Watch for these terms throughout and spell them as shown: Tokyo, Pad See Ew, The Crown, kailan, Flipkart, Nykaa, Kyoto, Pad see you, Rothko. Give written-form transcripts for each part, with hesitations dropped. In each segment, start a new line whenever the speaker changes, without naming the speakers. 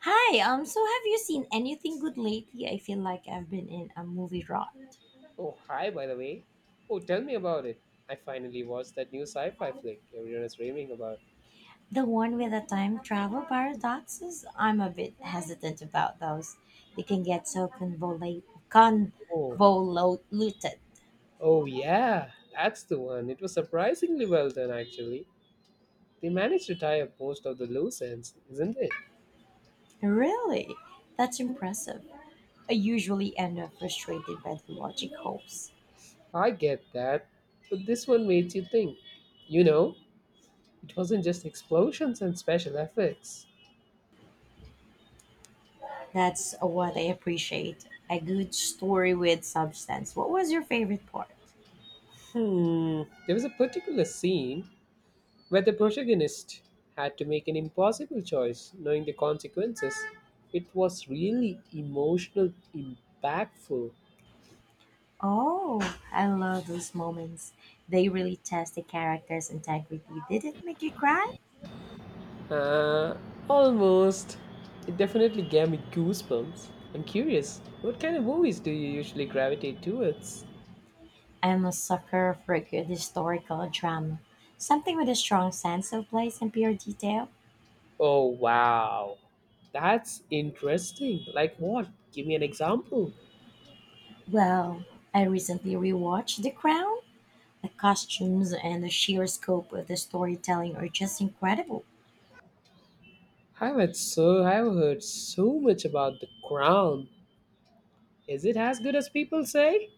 Hi, so have you seen anything good lately? I feel like I've been in a movie rut.
Oh, hi, by the way. Oh, tell me about it. I finally watched that new sci fi flick everyone is raving about.
The one with the time travel paradoxes? I'm a bit hesitant about those. They can get so
Oh,
convoluted.
oh, yeah, that's the one. It was surprisingly well done, actually. They managed to tie up most of the loose ends, isn't it?
Really? That's impressive. I usually end up frustrated by the logic holes.
I get that, but this one made you think. You know, it wasn't just explosions and special effects.
That's what I appreciate. A good story with substance. What was your favorite part?
Hmm, there was a particular scene where the protagonist had to make an impossible choice, knowing the consequences. It was really emotional, impactful,
Oh, I love those moments. They really test the character's integrity. Did it make you cry?
uh, almost. It definitely gave me goosebumps. I'm curious, what kind of movies do you usually gravitate towards?
I'm a sucker for a good historical drama. Something with a strong sense of place and pure detail.
Oh wow, that's interesting. Like what? Give me an example.
Well, I recently rewatched The Crown. The costumes and the sheer scope of the storytelling are just incredible.
I've heard so much about The Crown. Is it as good as people say?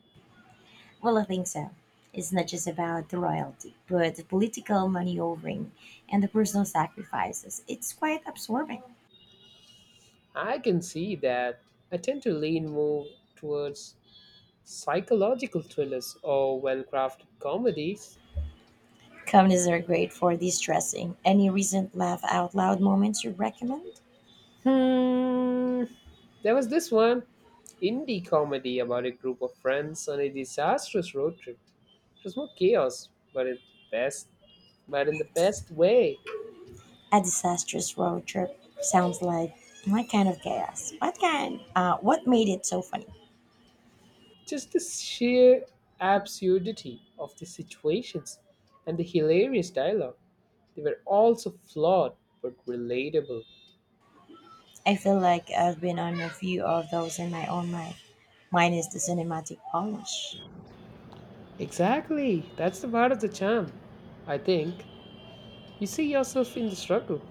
Well, I think so. It's not just about the royalty, but the political maneuvering and the personal sacrifices. It's quite absorbing.
I can see that. I tend to lean more towards psychological thrillers or well crafted comedies.
Comedies are great for de-stressing. Any recent laugh out loud moments you recommend?
Hmm. There was this one indie comedy about a group of friends on a disastrous road trip. It was more chaos, best but in the best way.
A disastrous road trip sounds like my kind of chaos. What kind? What made it so funny?
Just the sheer absurdity of the situations and the hilarious dialogue. They were all so flawed but relatable.
I feel like I've been on a few of those in my own life, minus the cinematic polish.
Exactly. That's the part of the charm. I think you see yourself in the struggle.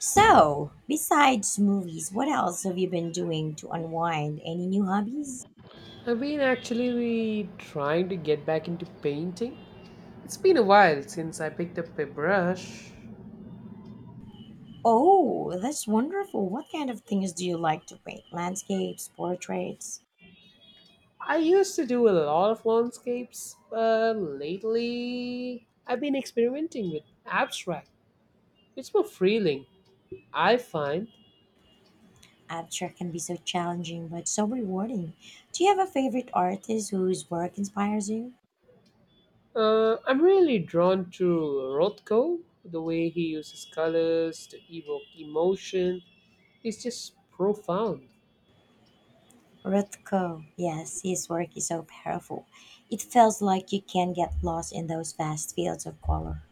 So, besides movies, what else have you been doing to unwind? Any new hobbies?
I've been actually trying to get back into painting. It's been a while since I picked up a brush.
Oh, that's wonderful. What kind of things do you like to paint? Landscapes, portraits?
I used to do a lot of landscapes, but lately I've been experimenting with abstract. It's more freeing, I find.
Abstract can be so challenging but so rewarding. Do you have a favorite artist whose work inspires you?
I'm really drawn to Rothko. The way he uses colors to evoke emotion is just profound.
Rothko, yes, his work is so powerful. It feels like you can get lost in those vast fields of color.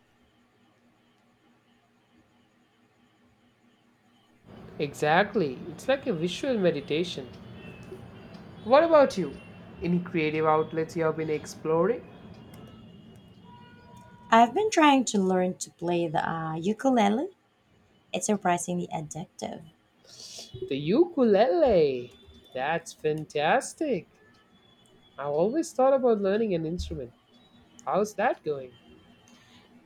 Exactly. It's like a visual meditation. What about you? Any creative outlets you have been exploring?
I've been trying to learn to play the ukulele. It's surprisingly addictive.
The ukulele. That's fantastic. I've always thought about learning an instrument. How's that going?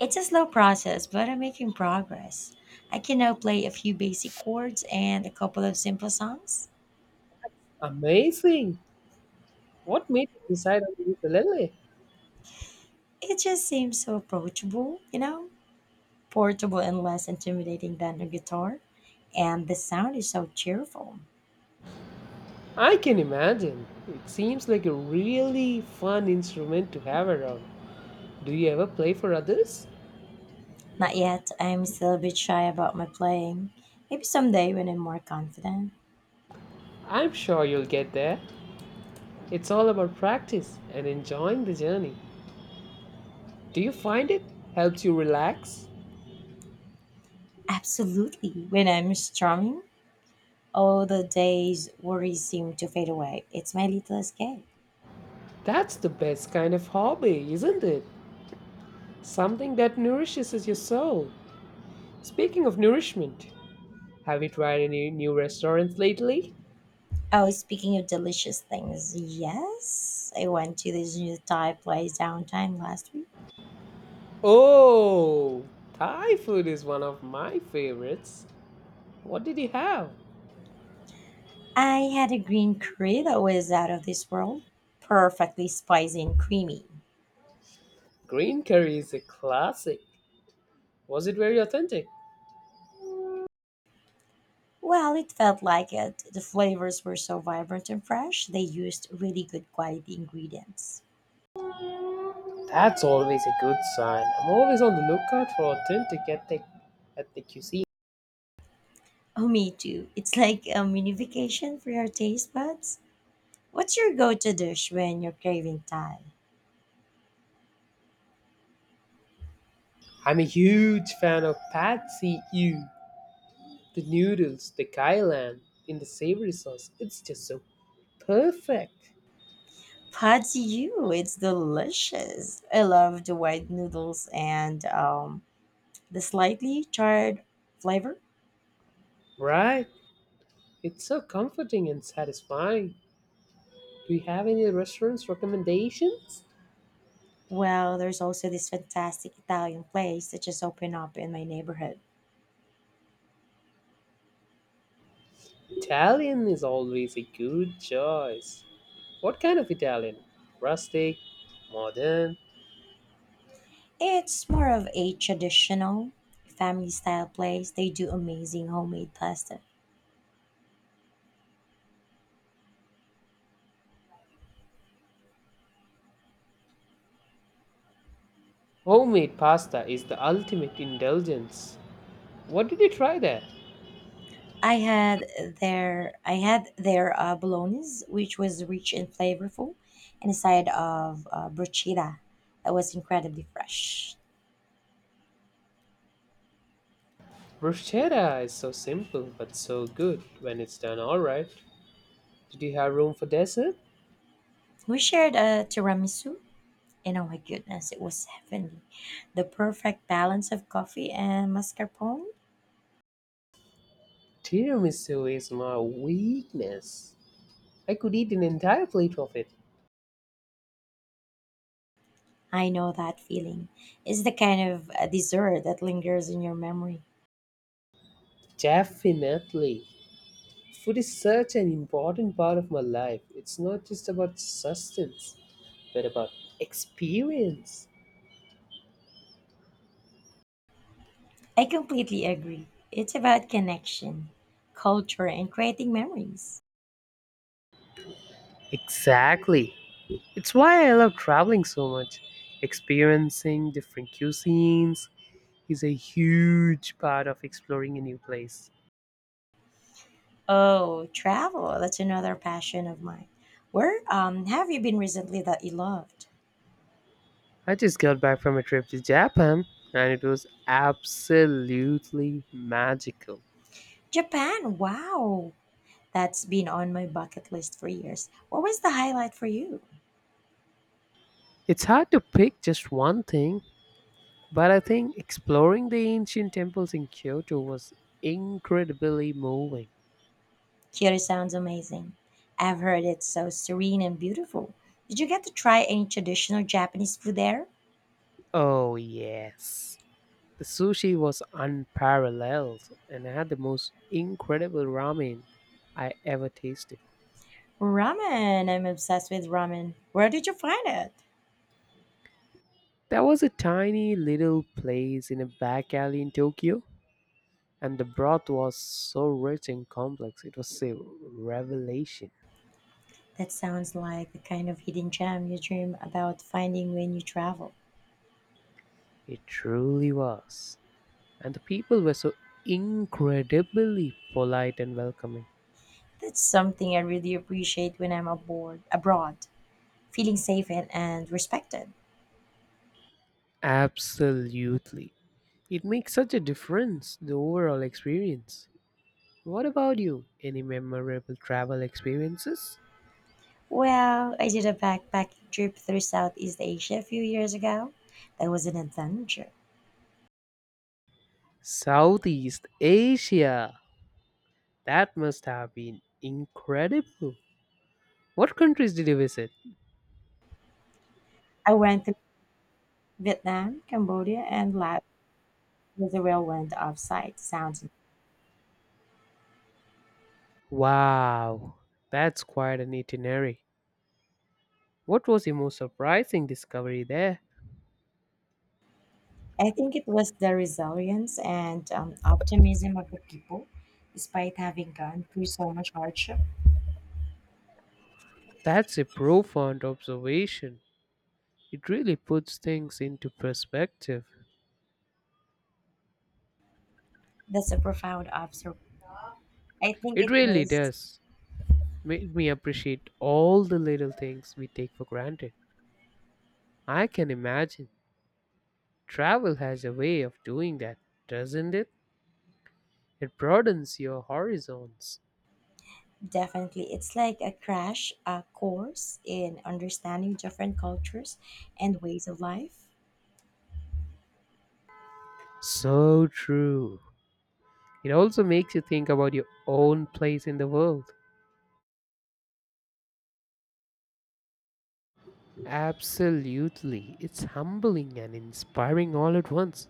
It's a slow process, but I'm making progress. I can now play a few basic chords and a couple of simple songs.
Amazing. What made you decide on the ukulele?
It just seems so approachable, you know? Portable and less intimidating than a guitar, and the sound is so cheerful.
I can imagine. It seems like a really fun instrument to have around. Do you ever play for others?
Not yet, I'm still a bit shy about my playing. Maybe someday when I'm more confident.
I'm sure you'll get there. It's all about practice and enjoying the journey. Do you find it helps you relax?
Absolutely, when I'm strumming, all the day's worries seem to fade away. It's my little escape.
That's the best kind of hobby, isn't it? Something that nourishes your soul. Speaking of nourishment, have you tried any new restaurants lately?
Oh, speaking of delicious things, yes, I went to this new Thai place downtown last week.
Oh, Thai food is one of my favorites. What did you have?
I had a green curry that was out of this world, perfectly spicy and creamy.
Green curry is a classic. Was it very authentic?
Well, it felt like it. The flavors were so vibrant and fresh. They used really good quality ingredients.
That's always a good sign. I'm always on the lookout for ethnic cuisine.
Oh, me too. It's like a mini vacation for your taste buds. What's your go to dish when you're craving Thai?
I'm a huge fan of Pad See Ew. The noodles, the kailan, in the savory sauce. It's just so perfect.
Pad see you. It's delicious. I love the white noodles and the slightly charred flavor.
Right? It's so comforting and satisfying. Do you have any restaurants recommendations?
Well, there's also this fantastic Italian place that just opened up in my neighborhood.
Italian is always a good choice. What kind of Italian? Rustic, modern?
It's more of a traditional family style place. They do amazing homemade pasta.
Homemade pasta is the ultimate indulgence. What did you try there?
I had I had their bolognese, which was rich and flavorful, and a side of bruschetta that was incredibly fresh.
Bruschetta is so simple but so good when it's done alright. Did you have room for dessert?
We shared a tiramisu, and oh my goodness, it was heavenly. The perfect balance of coffee and mascarpone.
Tiramisu is my weakness. I could eat an entire plate of it.
I know that feeling. It's the kind of dessert that lingers in your memory.
Definitely. Food is such an important part of my life. It's not just about sustenance, but about experience.
I completely agree. It's about connection, culture, and creating memories.
Exactly. It's why I love traveling so much. Experiencing different cuisines is a huge part of exploring a new place.
Oh, travel. That's another passion of mine. Where have you been recently that you loved?
I just got back from a trip to Japan and it was absolutely magical.
Japan. Wow. That's been on my bucket list for years. What was the highlight for you?
It's hard to pick just one thing, but I think exploring the ancient temples in Kyoto was incredibly moving.
Kyoto sounds amazing. I've heard it's so serene and beautiful. Did you get to try any traditional Japanese food there?
Oh, yes. The sushi was unparalleled and I had the most incredible ramen I ever tasted.
Ramen. I'm obsessed with ramen. Where did you find it?
There was a tiny little place in a back alley in Tokyo, and the broth was so rich and complex. It was a revelation.
That sounds like the kind of hidden gem you dream about finding when you travel.
It truly was. And the people were so incredibly polite and welcoming.
That's something I really appreciate when I'm aboard abroad, feeling safe and respected.
Absolutely. It makes such a difference, the overall experience. What about you? Any memorable travel experiences?
Well, I did a backpacking trip through Southeast Asia a few years ago. That was an adventure.
Southeast Asia. That must have been incredible. What countries did you visit?
I went to Vietnam, Cambodia, and Laos with the rail went offsite. Sounds.
Wow, that's quite an itinerary. What was the most surprising discovery there?
I think it was the resilience and optimism of the people, despite having gone through so much hardship.
That's a profound observation. It really puts things into perspective.
That's a profound observation. I think
It
it
really
was
does. Made me appreciate all the little things we take for granted. I can imagine. Travel has a way of doing that, doesn't it? It broadens your horizons.
Definitely it's like a crash course in understanding different cultures and ways of life.
So true. It also makes you think about your own place in the world. Absolutely. It's humbling and inspiring all at once.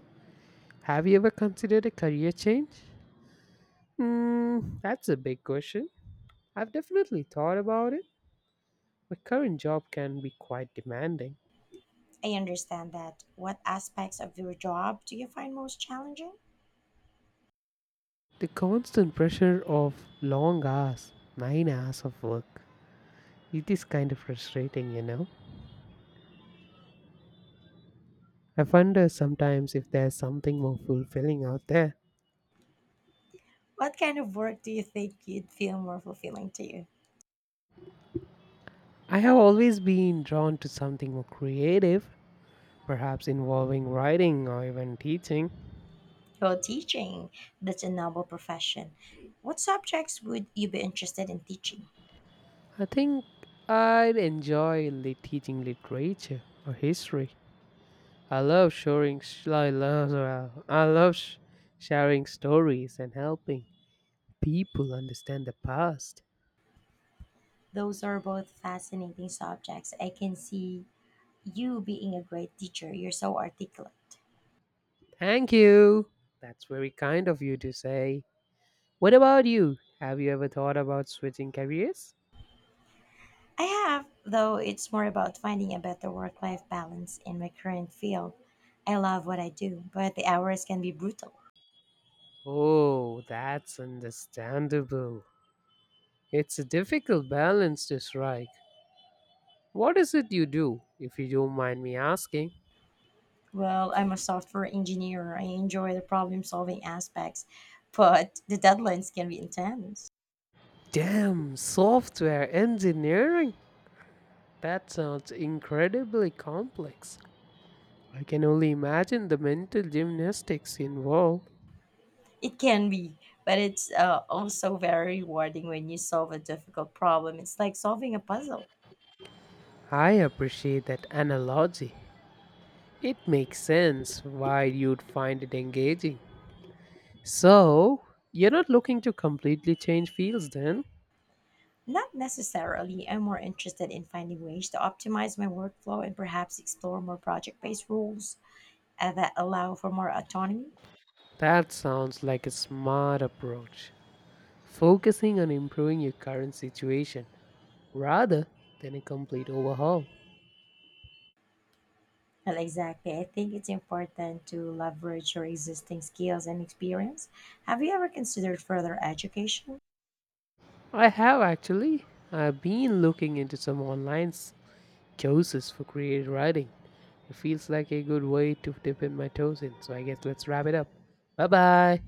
Have you ever considered a career change? Hmm, that's a big question. I've definitely thought about it. My current job can be quite demanding.
I understand that. What aspects of your job do you find most challenging?
The constant pressure of long hours, 9 hours of work, it is kind of frustrating, you know. I wonder sometimes if there's something more fulfilling out there.
What kind of work do you think you'd feel more fulfilling to you?
I have always been drawn to something more creative, perhaps involving writing or even teaching.
Well, teaching, that's a noble profession. What subjects would you be interested in teaching?
I think I'd enjoy teaching literature or history. I love sharing. Sh- I love. I love sharing stories and helping people understand the past.
Those are both fascinating subjects. I can see you being a great teacher. You're so articulate.
Thank you. That's very kind of you to say. What about you? Have you ever thought about switching careers?
I have, though it's more about finding a better work life balance in my current field. I love what I do, but the hours can be brutal.
Oh, that's understandable. It's a difficult balance to strike. What is it you do, if you don't mind me asking?
Well, I'm a software engineer. I enjoy the problem solving aspects, but the deadlines can be intense.
Damn, software engineering? That sounds incredibly complex. I can only imagine the mental gymnastics involved.
It can be, but it's also very rewarding when you solve a difficult problem. It's like solving a puzzle.
I appreciate that analogy. It makes sense why you'd find it engaging. So, you're not looking to completely change fields then?
Not necessarily. I'm more interested in finding ways to optimize my workflow and perhaps explore more project based rules that allow for more autonomy.
That sounds like a smart approach. Focusing on improving your current situation rather than a complete overhaul.
Well, exactly. I think it's important to leverage your existing skills and experience. Have you ever considered further education?
I have actually. I've been looking into some courses for creative writing. It feels like a good way to dip in my toes in, so I guess let's wrap it up. Bye bye.